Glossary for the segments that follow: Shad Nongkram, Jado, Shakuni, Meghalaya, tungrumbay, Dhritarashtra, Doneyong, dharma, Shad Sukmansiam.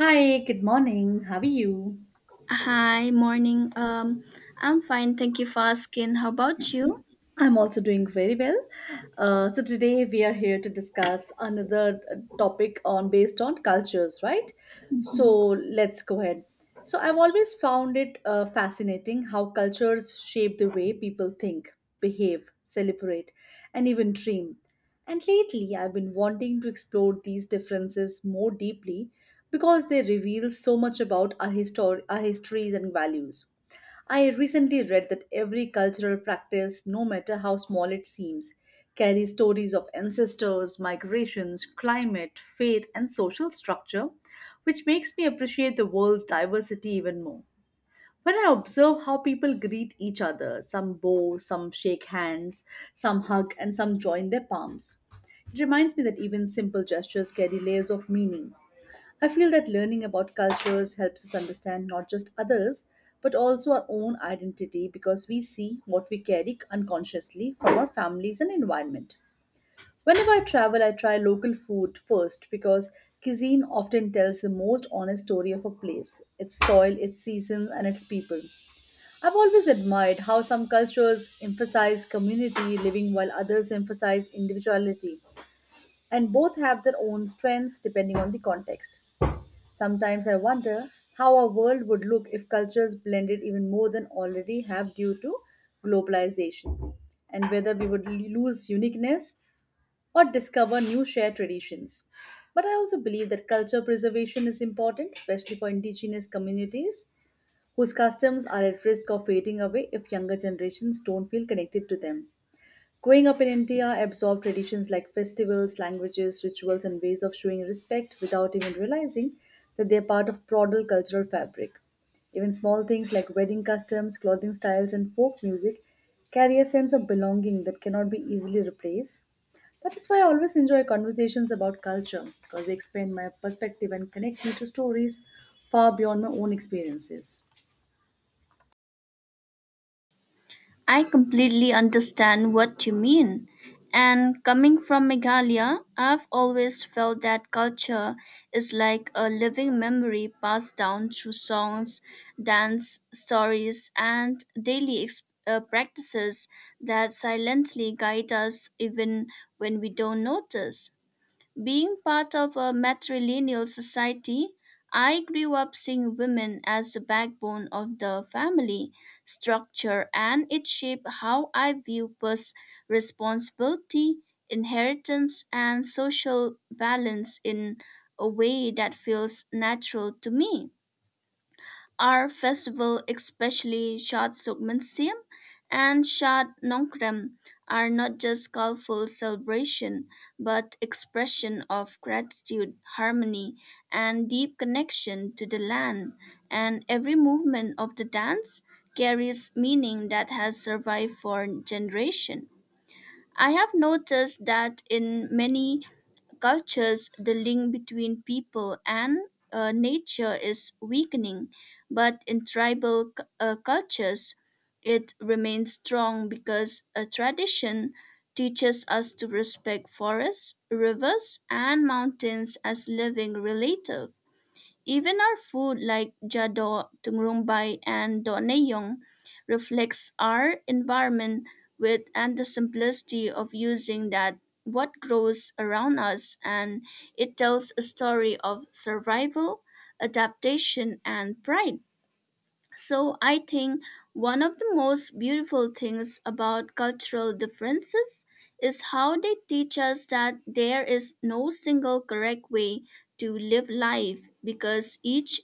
Hi, good morning. How are you? Hi, morning. I'm fine. Thank you for asking. How about you? I'm also doing very well. So today we are here to discuss another topic on based on cultures, right? So let's go ahead. So I've always found it fascinating how cultures shape the way people think, behave, celebrate, and even dream. And lately, I've been wanting to explore these differences more deeply because they reveal so much about our histories and values. I recently read that every cultural practice, no matter how small it seems, carries stories of ancestors, migrations, climate, faith, and social structure, which makes me appreciate the world's diversity even more. When I observe how people greet each other, some bow, some shake hands, some hug, and some join their palms, it reminds me that even simple gestures carry layers of meaning. I feel that learning about cultures helps us understand not just others, but also our own identity because we see what we carry unconsciously from our families and environment. Whenever I travel, I try local food first because cuisine often tells the most honest story of a place, its soil, its seasons, and its people. I've always admired how some cultures emphasize community living while others emphasize individuality, and both have their own strengths depending on the context. Sometimes I wonder how our world would look if cultures blended even more than already have due to globalization, and whether we would lose uniqueness or discover new shared traditions. But I also believe that culture preservation is important, especially for indigenous communities whose customs are at risk of fading away if younger generations don't feel connected to them. Growing up in India, I absorbed traditions like festivals, languages, rituals, and ways of showing respect without even realizing that they're part of broader cultural fabric. Even small things like wedding customs, clothing styles, and folk music carry a sense of belonging that cannot be easily replaced. That is why I always enjoy conversations about culture because they expand my perspective and connect me to stories far beyond my own experiences. I completely understand what you mean. And coming from Meghalaya, I've always felt that culture is like a living memory passed down through songs, dance, stories, and daily practices that silently guide us even when we don't notice. Being part of a matrilineal society, I grew up seeing women as the backbone of the family structure, and it shaped how I view responsibility, inheritance, and social balance in a way that feels natural to me. Our festival, especially Shad Sukmansiam and Shad Nongkram, are not just colorful celebration, but expression of gratitude, harmony, and deep connection to the land. And every movement of the dance carries meaning that has survived for generation. I have noticed that in many cultures, the link between people and nature is weakening, but in tribal cultures, it remains strong because a tradition teaches us to respect forests, rivers, and mountains as living relatives. Even our food like Jado, tungrumbay and Doneyong reflects our environment with and the simplicity of using that what grows around us and it tells a story of survival, adaptation and pride. So I think one of the most beautiful things about cultural differences is how they teach us that there is no single correct way to live life because each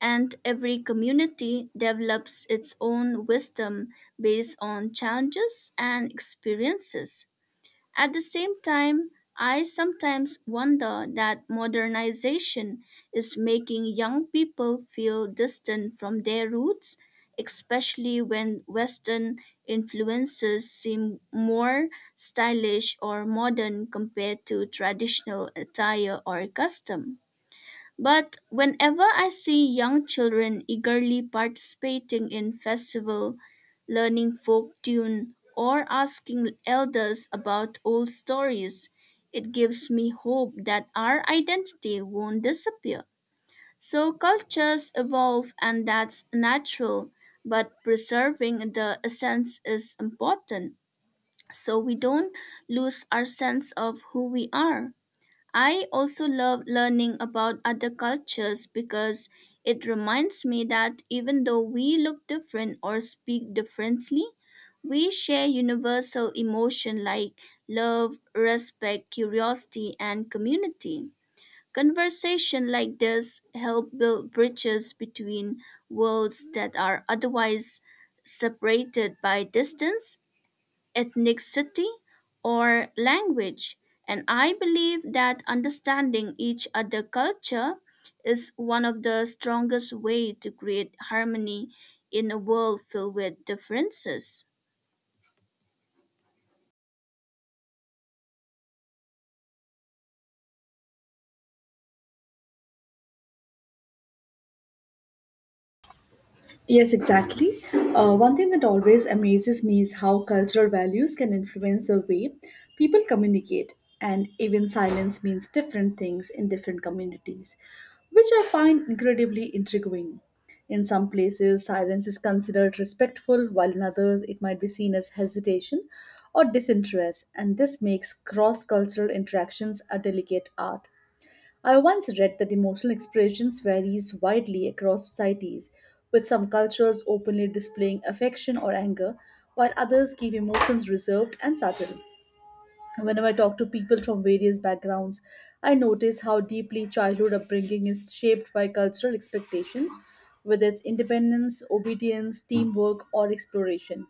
and every community develops its own wisdom based on challenges and experiences. At the same time, I sometimes wonder that modernization is making young people feel distant from their roots, especially when Western influences seem more stylish or modern compared to traditional attire or custom. But whenever I see young children eagerly participating in festival, learning folk tune, or asking elders about old stories, it gives me hope that our identity won't disappear. So cultures evolve and that's natural, but preserving the essence is important so we don't lose our sense of who we are. I also love learning about other cultures because it reminds me that even though we look different or speak differently, we share universal emotion like love, respect, curiosity, and community. Conversation like this help build bridges between worlds that are otherwise separated by distance ethnicity, or language. And I believe that understanding each other culture is one of the strongest way to create harmony in a world filled with differences. Yes, exactly. One thing that always amazes me is how cultural values can influence the way people communicate, and even silence means different things in different communities, which I find incredibly intriguing. In some places, silence is considered respectful, while in others, it might be seen as hesitation or disinterest, and this makes cross cultural interactions a delicate art. I once read that emotional expressions varies widely across societies, with some cultures openly displaying affection or anger, while others keep emotions reserved and subtle. Whenever I talk to people from various backgrounds, I notice how deeply childhood upbringing is shaped by cultural expectations, whether it's independence, obedience, teamwork, or exploration.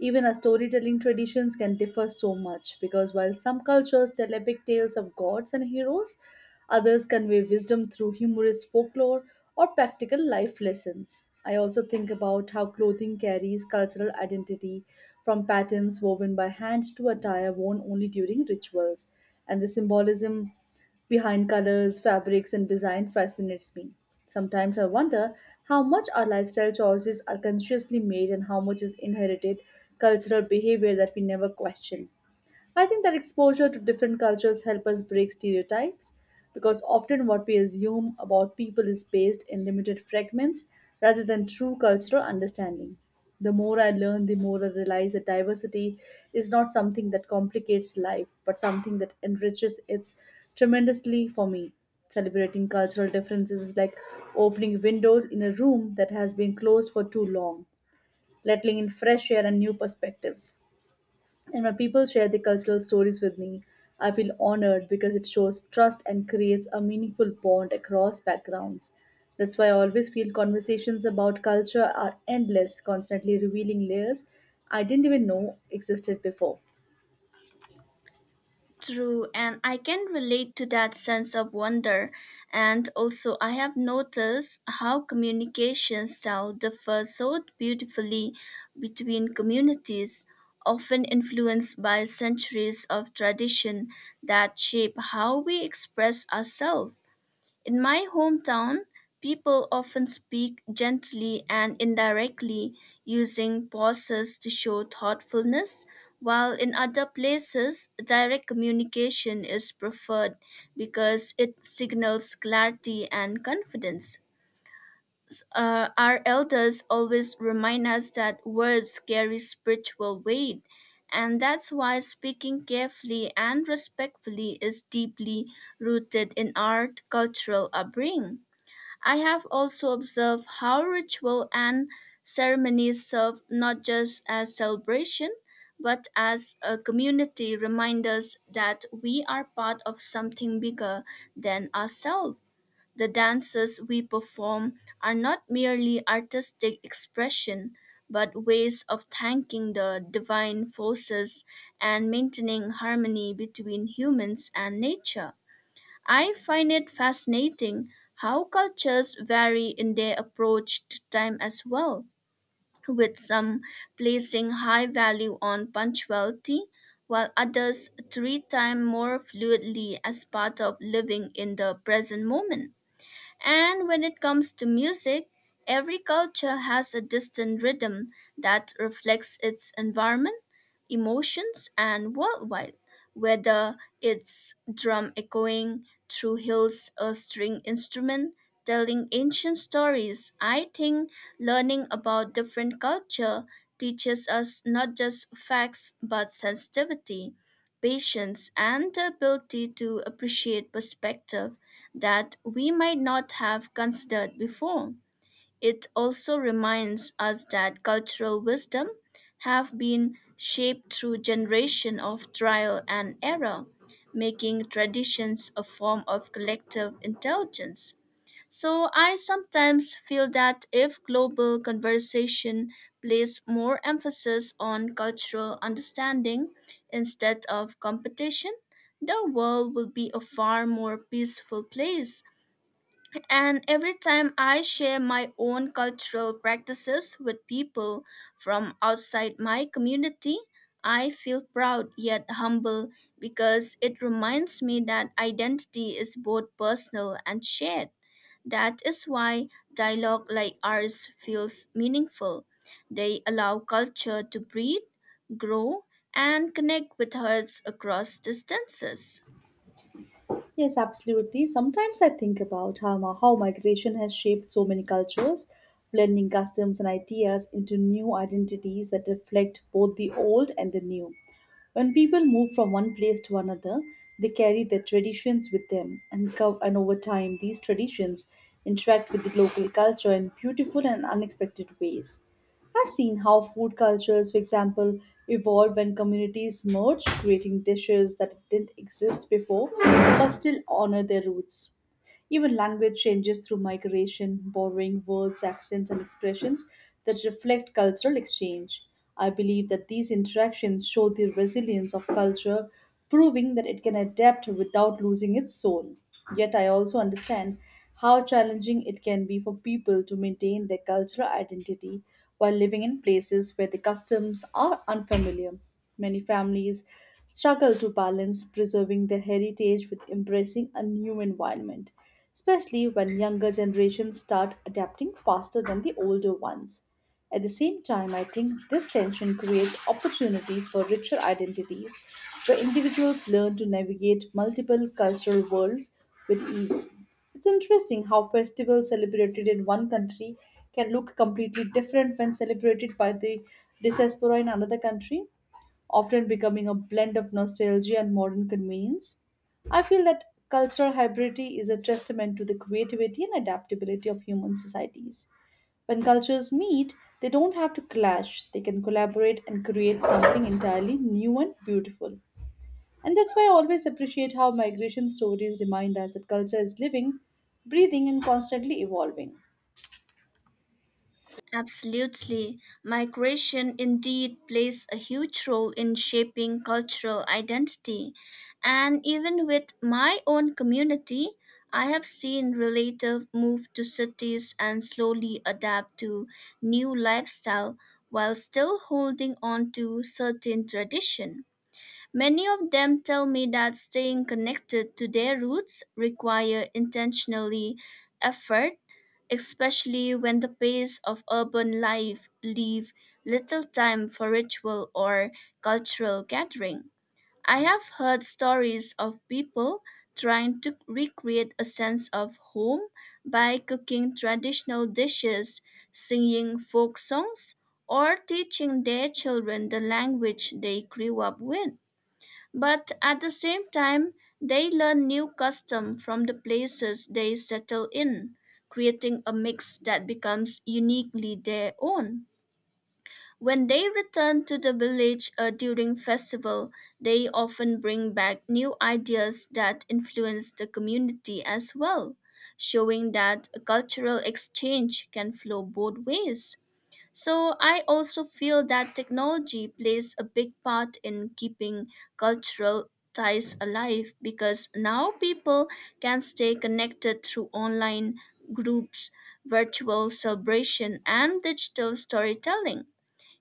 Even our storytelling traditions can differ so much because while some cultures tell epic tales of gods and heroes, others convey wisdom through humorous folklore or practical life lessons. I also think about how clothing carries cultural identity, from patterns woven by hand to attire worn only during rituals, and the symbolism behind colors, fabrics, and design fascinates me. Sometimes I wonder how much our lifestyle choices are consciously made and how much is inherited cultural behavior that we never question. I think that exposure to different cultures help us break stereotypes because often what we assume about people is based in limited fragments rather than true cultural understanding. The more I learn, the more I realize that diversity is not something that complicates life, but something that enriches it tremendously for me. Celebrating cultural differences is like opening windows in a room that has been closed for too long, letting in fresh air and new perspectives. And when people share their cultural stories with me, I feel honored because it shows trust and creates a meaningful bond across backgrounds. That's why I always feel conversations about culture are endless, constantly revealing layers I didn't even know existed before. True, and I can relate to that sense of wonder. And also, I have noticed how communication style differs so beautifully between communities, often influenced by centuries of tradition that shape how we express ourselves. In my hometown, people often speak gently and indirectly using pauses to show thoughtfulness, while in other places, direct communication is preferred because it signals clarity and confidence. Our elders always remind us that words carry spiritual weight, and that's why speaking carefully and respectfully is deeply rooted in our cultural upbringing. I have also observed how ritual and ceremonies serve not just as celebration, but as a community reminders that we are part of something bigger than ourselves. The dances we perform are not merely artistic expression, but ways of thanking the divine forces and maintaining harmony between humans and nature. I find it fascinating how cultures vary in their approach to time as well, with some placing high value on punctuality, while others treat time more fluidly as part of living in the present moment. And when it comes to music, every culture has a distinct rhythm that reflects its environment, emotions, and worldwide, whether it's drum echoing through hills or string instrument telling ancient stories. I think learning about different culture teaches us not just facts but sensitivity, patience, and the ability to appreciate perspective that we might not have considered before. It also reminds us that cultural wisdom have been shaped through generation of trial and error, making traditions a form of collective intelligence. So I sometimes feel that if global conversation place more emphasis on cultural understanding instead of competition, the world will be a far more peaceful place and every time I share my own cultural practices with people from outside my community, I feel proud yet humble because it reminds me that identity is both personal and shared. That is why dialogue like ours feels meaningful. They allow culture to breathe, grow, and connect with hearts across distances. Yes, absolutely. Sometimes I think about how migration has shaped so many cultures, blending customs and ideas into new identities that reflect both the old and the new. When people move from one place to another, they carry their traditions with them, and over time, these traditions interact with the local culture in beautiful and unexpected ways. I've seen how food cultures, for example, evolve when communities merge, creating dishes that didn't exist before but still honor their roots. Even language changes through migration, borrowing words, accents, and expressions that reflect cultural exchange. I believe that these interactions show the resilience of culture, proving that it can adapt without losing its soul. Yet, I also understand how challenging it can be for people to maintain their cultural identity while living in places where the customs are unfamiliar. Many families struggle to balance preserving their heritage with embracing a new environment, especially when younger generations start adapting faster than the older ones. At the same time, I think this tension creates opportunities for richer identities where individuals learn to navigate multiple cultural worlds with ease. It's interesting how festivals celebrated in one country can look completely different when celebrated by the diaspora in another country, often becoming a blend of nostalgia and modern convenience. I feel that cultural hybridity is a testament to the creativity and adaptability of human societies. When cultures meet, they don't have to clash, they can collaborate and create something entirely new and beautiful. And that's why I always appreciate how migration stories remind us that culture is living, breathing, and constantly evolving. Absolutely. Migration indeed plays a huge role in shaping cultural identity. And even with my own community, I have seen relatives move to cities and slowly adapt to new lifestyle while still holding on to certain tradition. Many of them tell me that staying connected to their roots require intentionally effort especially when the pace of urban life leave little time for ritual or cultural gathering. I have heard stories of people trying to recreate a sense of home by cooking traditional dishes, singing folk songs, or teaching their children the language they grew up with. But at the same time, they learn new custom from the places they settle in, creating a mix that becomes uniquely their own. When they return to the village during festival, they often bring back new ideas that influence the community as well, showing that a cultural exchange can flow both ways. So I also feel that technology plays a big part in keeping cultural ties alive because now people can stay connected through online groups, virtual celebration, and digital storytelling.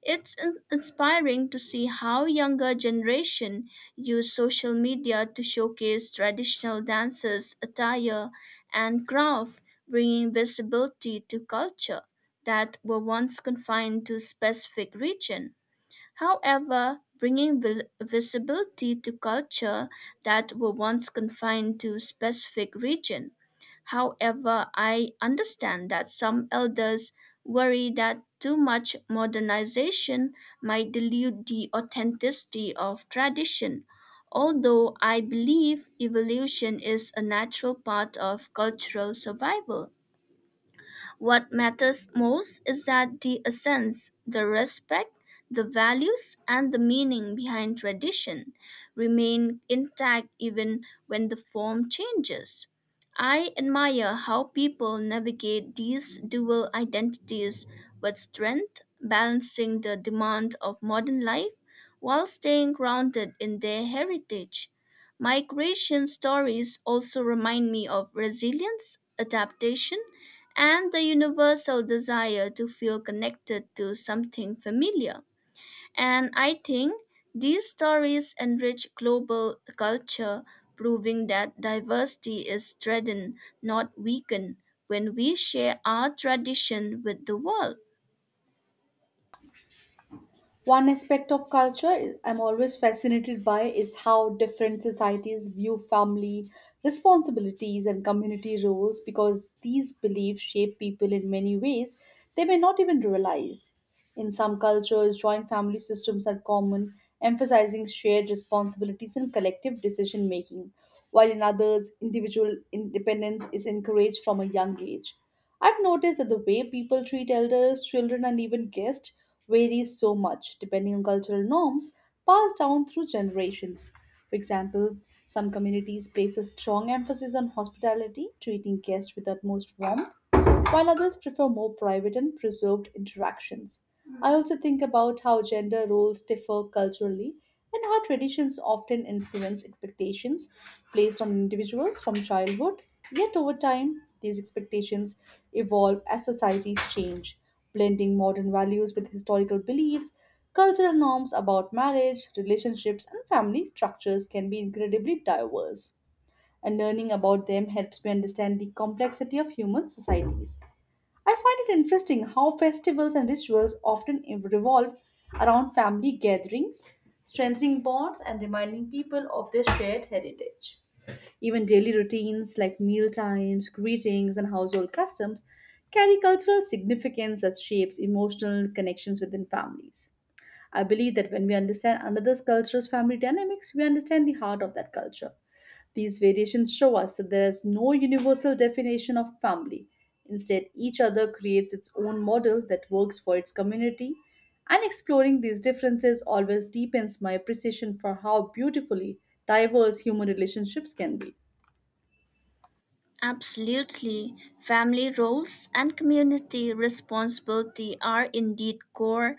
It's inspiring to see how younger generation use social media to showcase traditional dances, attire, and craft, bringing visibility to culture that were once confined to specific region. However, bringing visibility to culture that were once confined to specific region. However, I understand that some elders worry that too much modernization might dilute the authenticity of tradition. Although I believe evolution is a natural part of cultural survival. What matters most is that the essence, the respect, the values, and the meaning behind tradition remain intact even when the form changes. I admire how people navigate these dual identities with strength, balancing the demand of modern life while staying grounded in their heritage. Migration stories also remind me of resilience, adaptation, and the universal desire to feel connected to something familiar. And I think these stories enrich global culture, proving that diversity is strengthened, not weakened, when we share our tradition with the world. One aspect of culture I'm always fascinated by is how different societies view family responsibilities and community roles because these beliefs shape people in many ways they may not even realize. In some cultures, joint family systems are common, emphasizing shared responsibilities and collective decision making, while in others, individual independence is encouraged from a young age. I've noticed that the way people treat elders, children, and even guests varies so much depending on cultural norms passed down through generations. For example, some communities place a strong emphasis on hospitality, treating guests with utmost warmth, while others prefer more private and preserved interactions. I also think about how gender roles differ culturally and how traditions often influence expectations placed on individuals from childhood. Yet over time, these expectations evolve as societies change, blending modern values with historical beliefs. Cultural norms about marriage, relationships, and family structures can be incredibly diverse and learning about them helps me understand the complexity of human societies. I find it interesting how festivals and rituals often revolve around family gatherings, strengthening bonds and reminding people of their shared heritage. Even daily routines like meal times, greetings, and household customs carry cultural significance that shapes emotional connections within families. I believe that when we understand another culture's family dynamics, we understand the heart of that culture. These variations show us that there is no universal definition of family. Instead, each other creates its own model that works for its community, and exploring these differences always deepens my appreciation for how beautifully diverse human relationships can be. Absolutely. Family roles and community responsibility are indeed core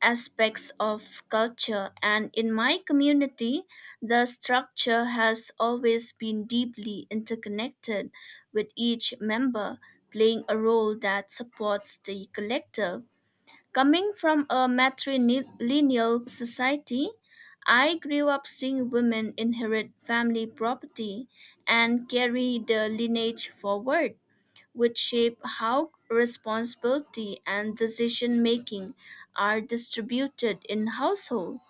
aspects of culture, and in my community, the structure has always been deeply interconnected, with each member playing a role that supports the collective. Coming from a matrilineal society, I grew up seeing women inherit family property and carry the lineage forward, which shape how responsibility and decision making are distributed in household.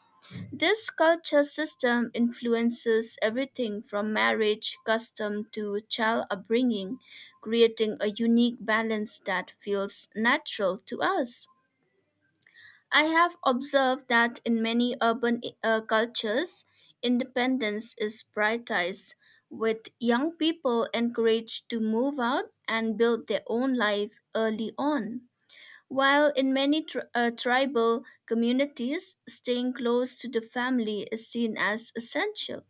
This culture system influences everything from marriage custom to child upbringing, creating a unique balance that feels natural to us. I have observed that in many urban cultures, independence is prioritized, with young people encouraged to move out and build their own life early on. While in many tribal communities, staying close to the family is seen as essential.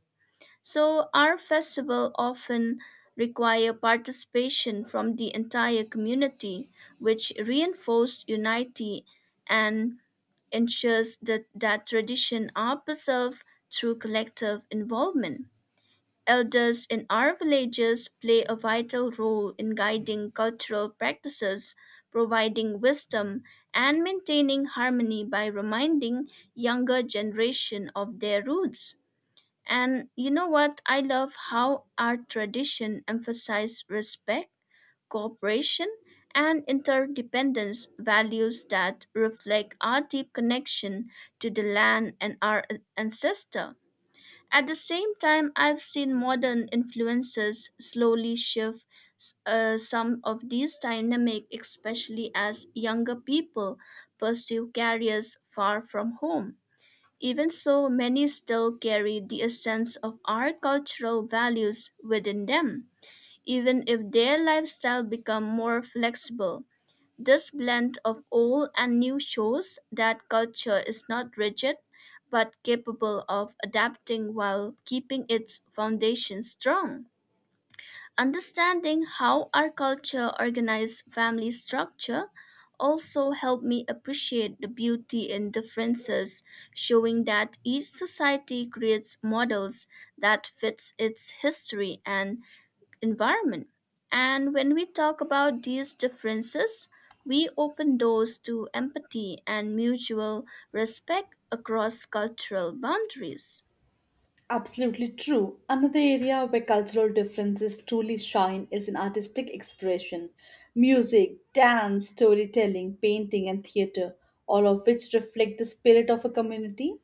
So, our festival often require participation from the entire community, which reinforced unity and ensures that traditions are preserved through collective involvement. Elders in our villages play a vital role in guiding cultural practices, providing wisdom, and maintaining harmony by reminding younger generation of their roots. And you know what? I love how our tradition emphasizes respect, cooperation, and interdependence values that reflect our deep connection to the land and our ancestor. At the same time, I've seen modern influences slowly shift some of these dynamic, especially as younger people pursue careers far from home. Even so, many still carry the essence of our cultural values within them, even if their lifestyle become more flexible. This blend of old and new shows that culture is not rigid but capable of adapting while keeping its foundation strong. Understanding how our culture organized family structure also helped me appreciate the beauty in differences, showing that each society creates models that fits its history and environment. And when we talk about these differences, we open doors to empathy and mutual respect across cultural boundaries. Absolutely true. Another area where cultural differences truly shine is in artistic expression. Music, dance, storytelling, painting, and theatre, all of which reflect the spirit of a community.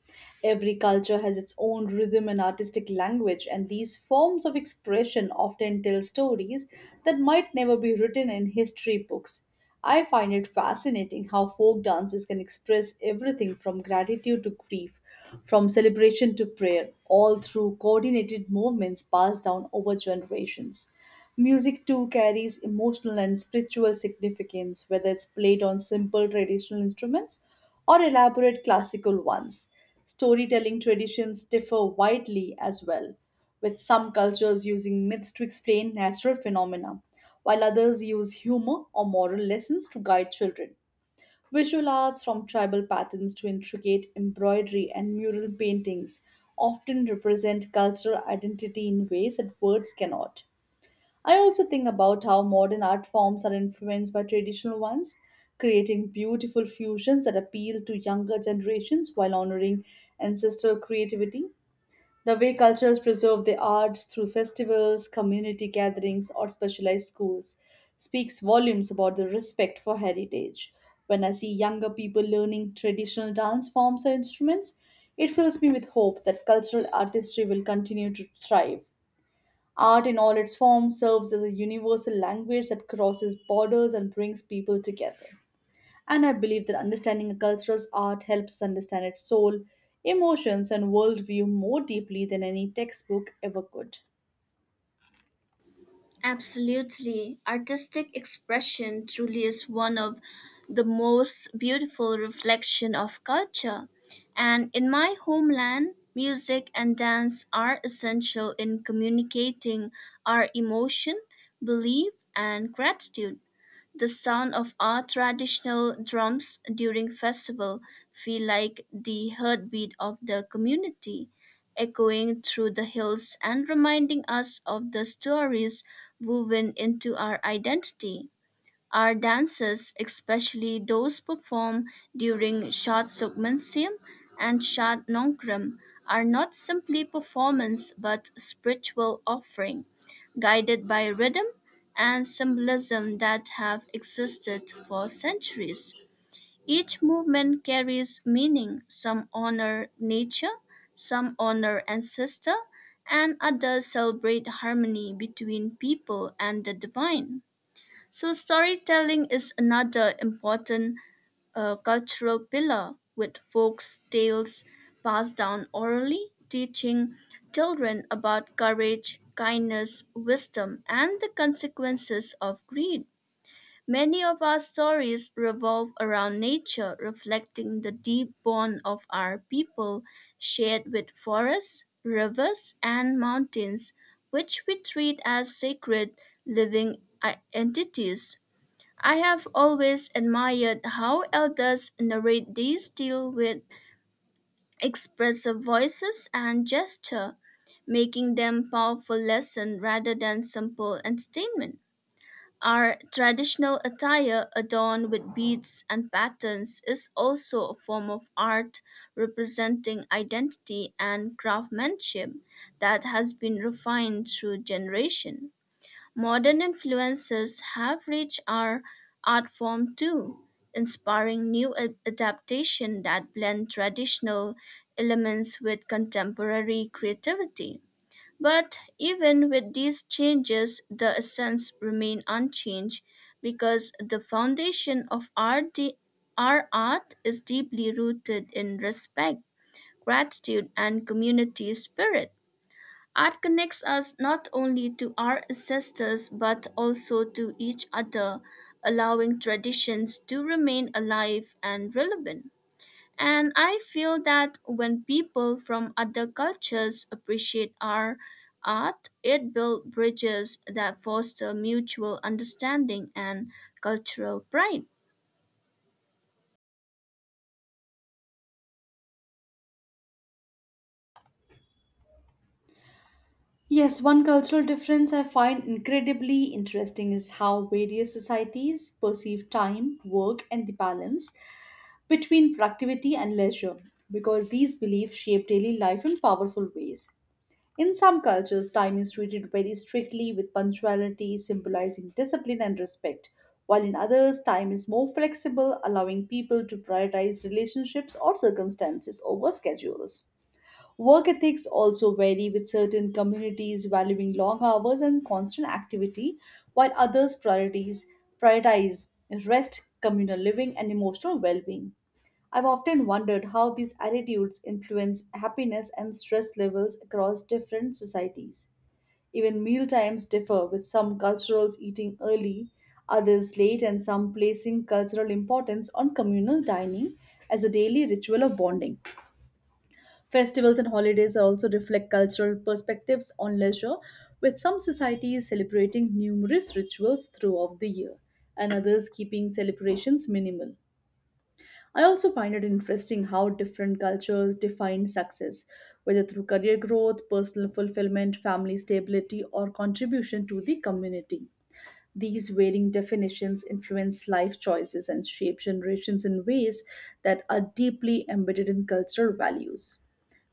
Every culture has its own rhythm and artistic language, and these forms of expression often tell stories that might never be written in history books. I find it fascinating how folk dances can express everything from gratitude to grief, from celebration to prayer, all through coordinated movements passed down over generations. Music too carries emotional and spiritual significance, whether it's played on simple traditional instruments or elaborate classical ones. Storytelling traditions differ widely as well, with some cultures using myths to explain natural phenomena, while others use humor or moral lessons to guide children. Visual arts, from tribal patterns to intricate embroidery and mural paintings, often represent cultural identity in ways that words cannot. I also think about how modern art forms are influenced by traditional ones, creating beautiful fusions that appeal to younger generations while honoring ancestral creativity. The way cultures preserve their arts through festivals, community gatherings, or specialized schools speaks volumes about the respect for heritage. When I see younger people learning traditional dance forms or instruments, it fills me with hope that cultural artistry will continue to thrive. Art in all its forms serves as a universal language that crosses borders and brings people together. And I believe that understanding a cultural's art helps us understand its soul, emotions, and worldview more deeply than any textbook ever could. Absolutely. Artistic expression truly is one of the most beautiful reflection of culture. And in my homeland, music and dance are essential in communicating our emotion, belief, and gratitude. The sound of our traditional drums during festival feel like the heartbeat of the community, echoing through the hills and reminding us of the stories woven into our identity. Our dances, especially those performed during Shad Sukmansiam and Shad Nongkram, are not simply performance but spiritual offering, guided by rhythm and symbolism that have existed for centuries. Each movement carries meaning. Some honor nature, some honor ancestor, and others celebrate harmony between people and the divine. So, storytelling is another important cultural pillar with folk tales passed down orally, teaching children about courage, kindness, wisdom, and the consequences of greed. Many of our stories revolve around nature, reflecting the deep bond of our people, shared with forests, rivers, and mountains, which we treat as sacred living entities. I have always admired how elders narrate these deal with expressive voices and gesture, making them powerful lessons rather than simple entertainment. Our traditional attire adorned with beads and patterns is also a form of art representing identity and craftsmanship that has been refined through generation. Modern influences have reached our art form too, inspiring new adaptation that blend traditional elements with contemporary creativity. But even with these changes, the essence remain unchanged because the foundation of our our art is deeply rooted in respect, gratitude, and community spirit. Art connects us not only to our ancestors but also to each other, allowing traditions to remain alive and relevant. And I feel that when people from other cultures appreciate our art, it builds bridges that foster mutual understanding and cultural pride. Yes, one cultural difference I find incredibly interesting is how various societies perceive time, work, and the balance between productivity and leisure, because these beliefs shape daily life in powerful ways. In some cultures, time is treated very strictly with punctuality symbolizing discipline and respect, while in others, time is more flexible, allowing people to prioritize relationships or circumstances over schedules. Work ethics also vary, with certain communities valuing long hours and constant activity, while others prioritize rest, communal living, and emotional well being. I've often wondered how these attitudes influence happiness and stress levels across different societies. Even meal times differ, with some cultures eating early, others late, and some placing cultural importance on communal dining as a daily ritual of bonding. Festivals and holidays also reflect cultural perspectives on leisure, with some societies celebrating numerous rituals throughout the year and others keeping celebrations minimal. I also find it interesting how different cultures define success, whether through career growth, personal fulfillment, family stability, or contribution to the community. These varying definitions influence life choices and shape generations in ways that are deeply embedded in cultural values.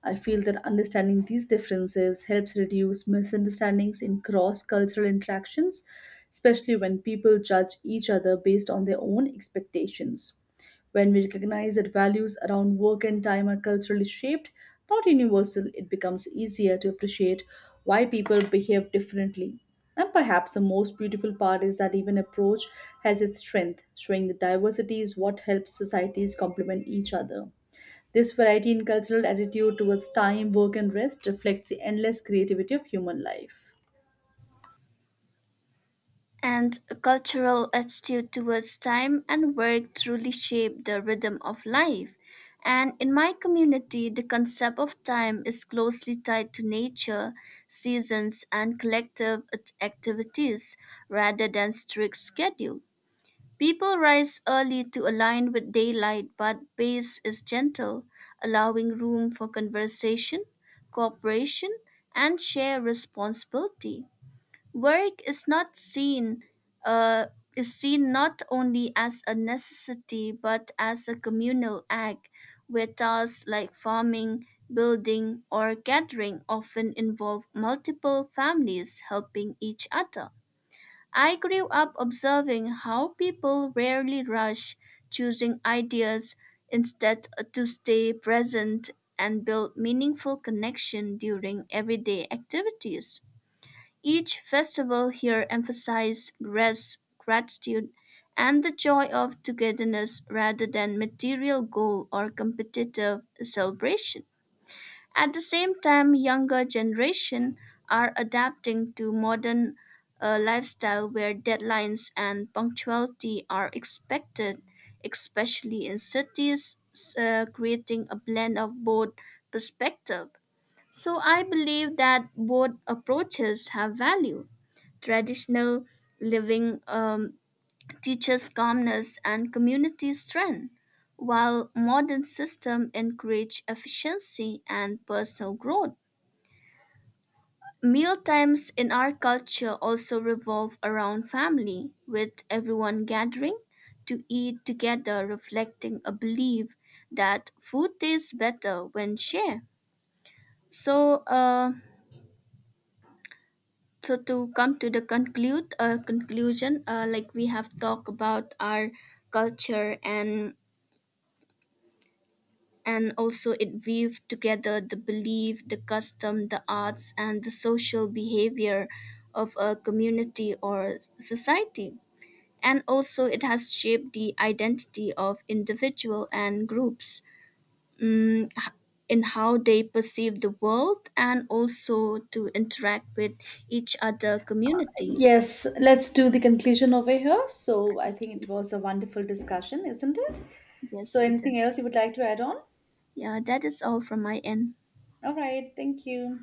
I feel that understanding these differences helps reduce misunderstandings in cross cultural interactions, especially when people judge each other based on their own expectations. When we recognize that values around work and time are culturally shaped, not universal, it becomes easier to appreciate why people behave differently. And perhaps the most beautiful part is that even approach has its strength, showing that diversity is what helps societies complement each other. This variety in cultural attitude towards time, work, and rest reflects the endless creativity of human life. And a cultural attitude towards time and work truly shape the rhythm of life. And in my community, the concept of time is closely tied to nature, seasons, and activities rather than strict schedule. People rise early to align with daylight, but pace is gentle, allowing room for conversation, cooperation, and shared responsibility. Work is not seen uh, is seen not only as a necessity but as a communal act where tasks like farming, building, or gathering often involve multiple families helping each other. I grew up observing how people rarely rush, choosing ideas instead to stay present and build meaningful connection during everyday activities. Each festival here emphasizes grace, gratitude, and the joy of togetherness rather than material goal or competitive celebration. At the same time, younger generation are adapting to modern lifestyle where deadlines and punctuality are expected, especially in cities, creating a blend of both perspective. So I believe that both approaches have value. Traditional living teaches calmness and community strength, while modern system encourage efficiency and personal growth. Mealtimes in our culture also revolve around family, with everyone gathering to eat together, reflecting a belief that food tastes better when shared. So, uh, so to come to the conclude conclusion like we have talked about our culture and also it weave together the belief the custom the arts and the social behavior of a community or society and also it has shaped the identity of individual and groups mm, h- in how they perceive the world and also to interact with each other community. Yes, let's do the conclusion over here. So I think it was a wonderful discussion, isn't it? So Yes, it anything does. else you would like to add on? Yeah, that is all from my end. All right, thank you.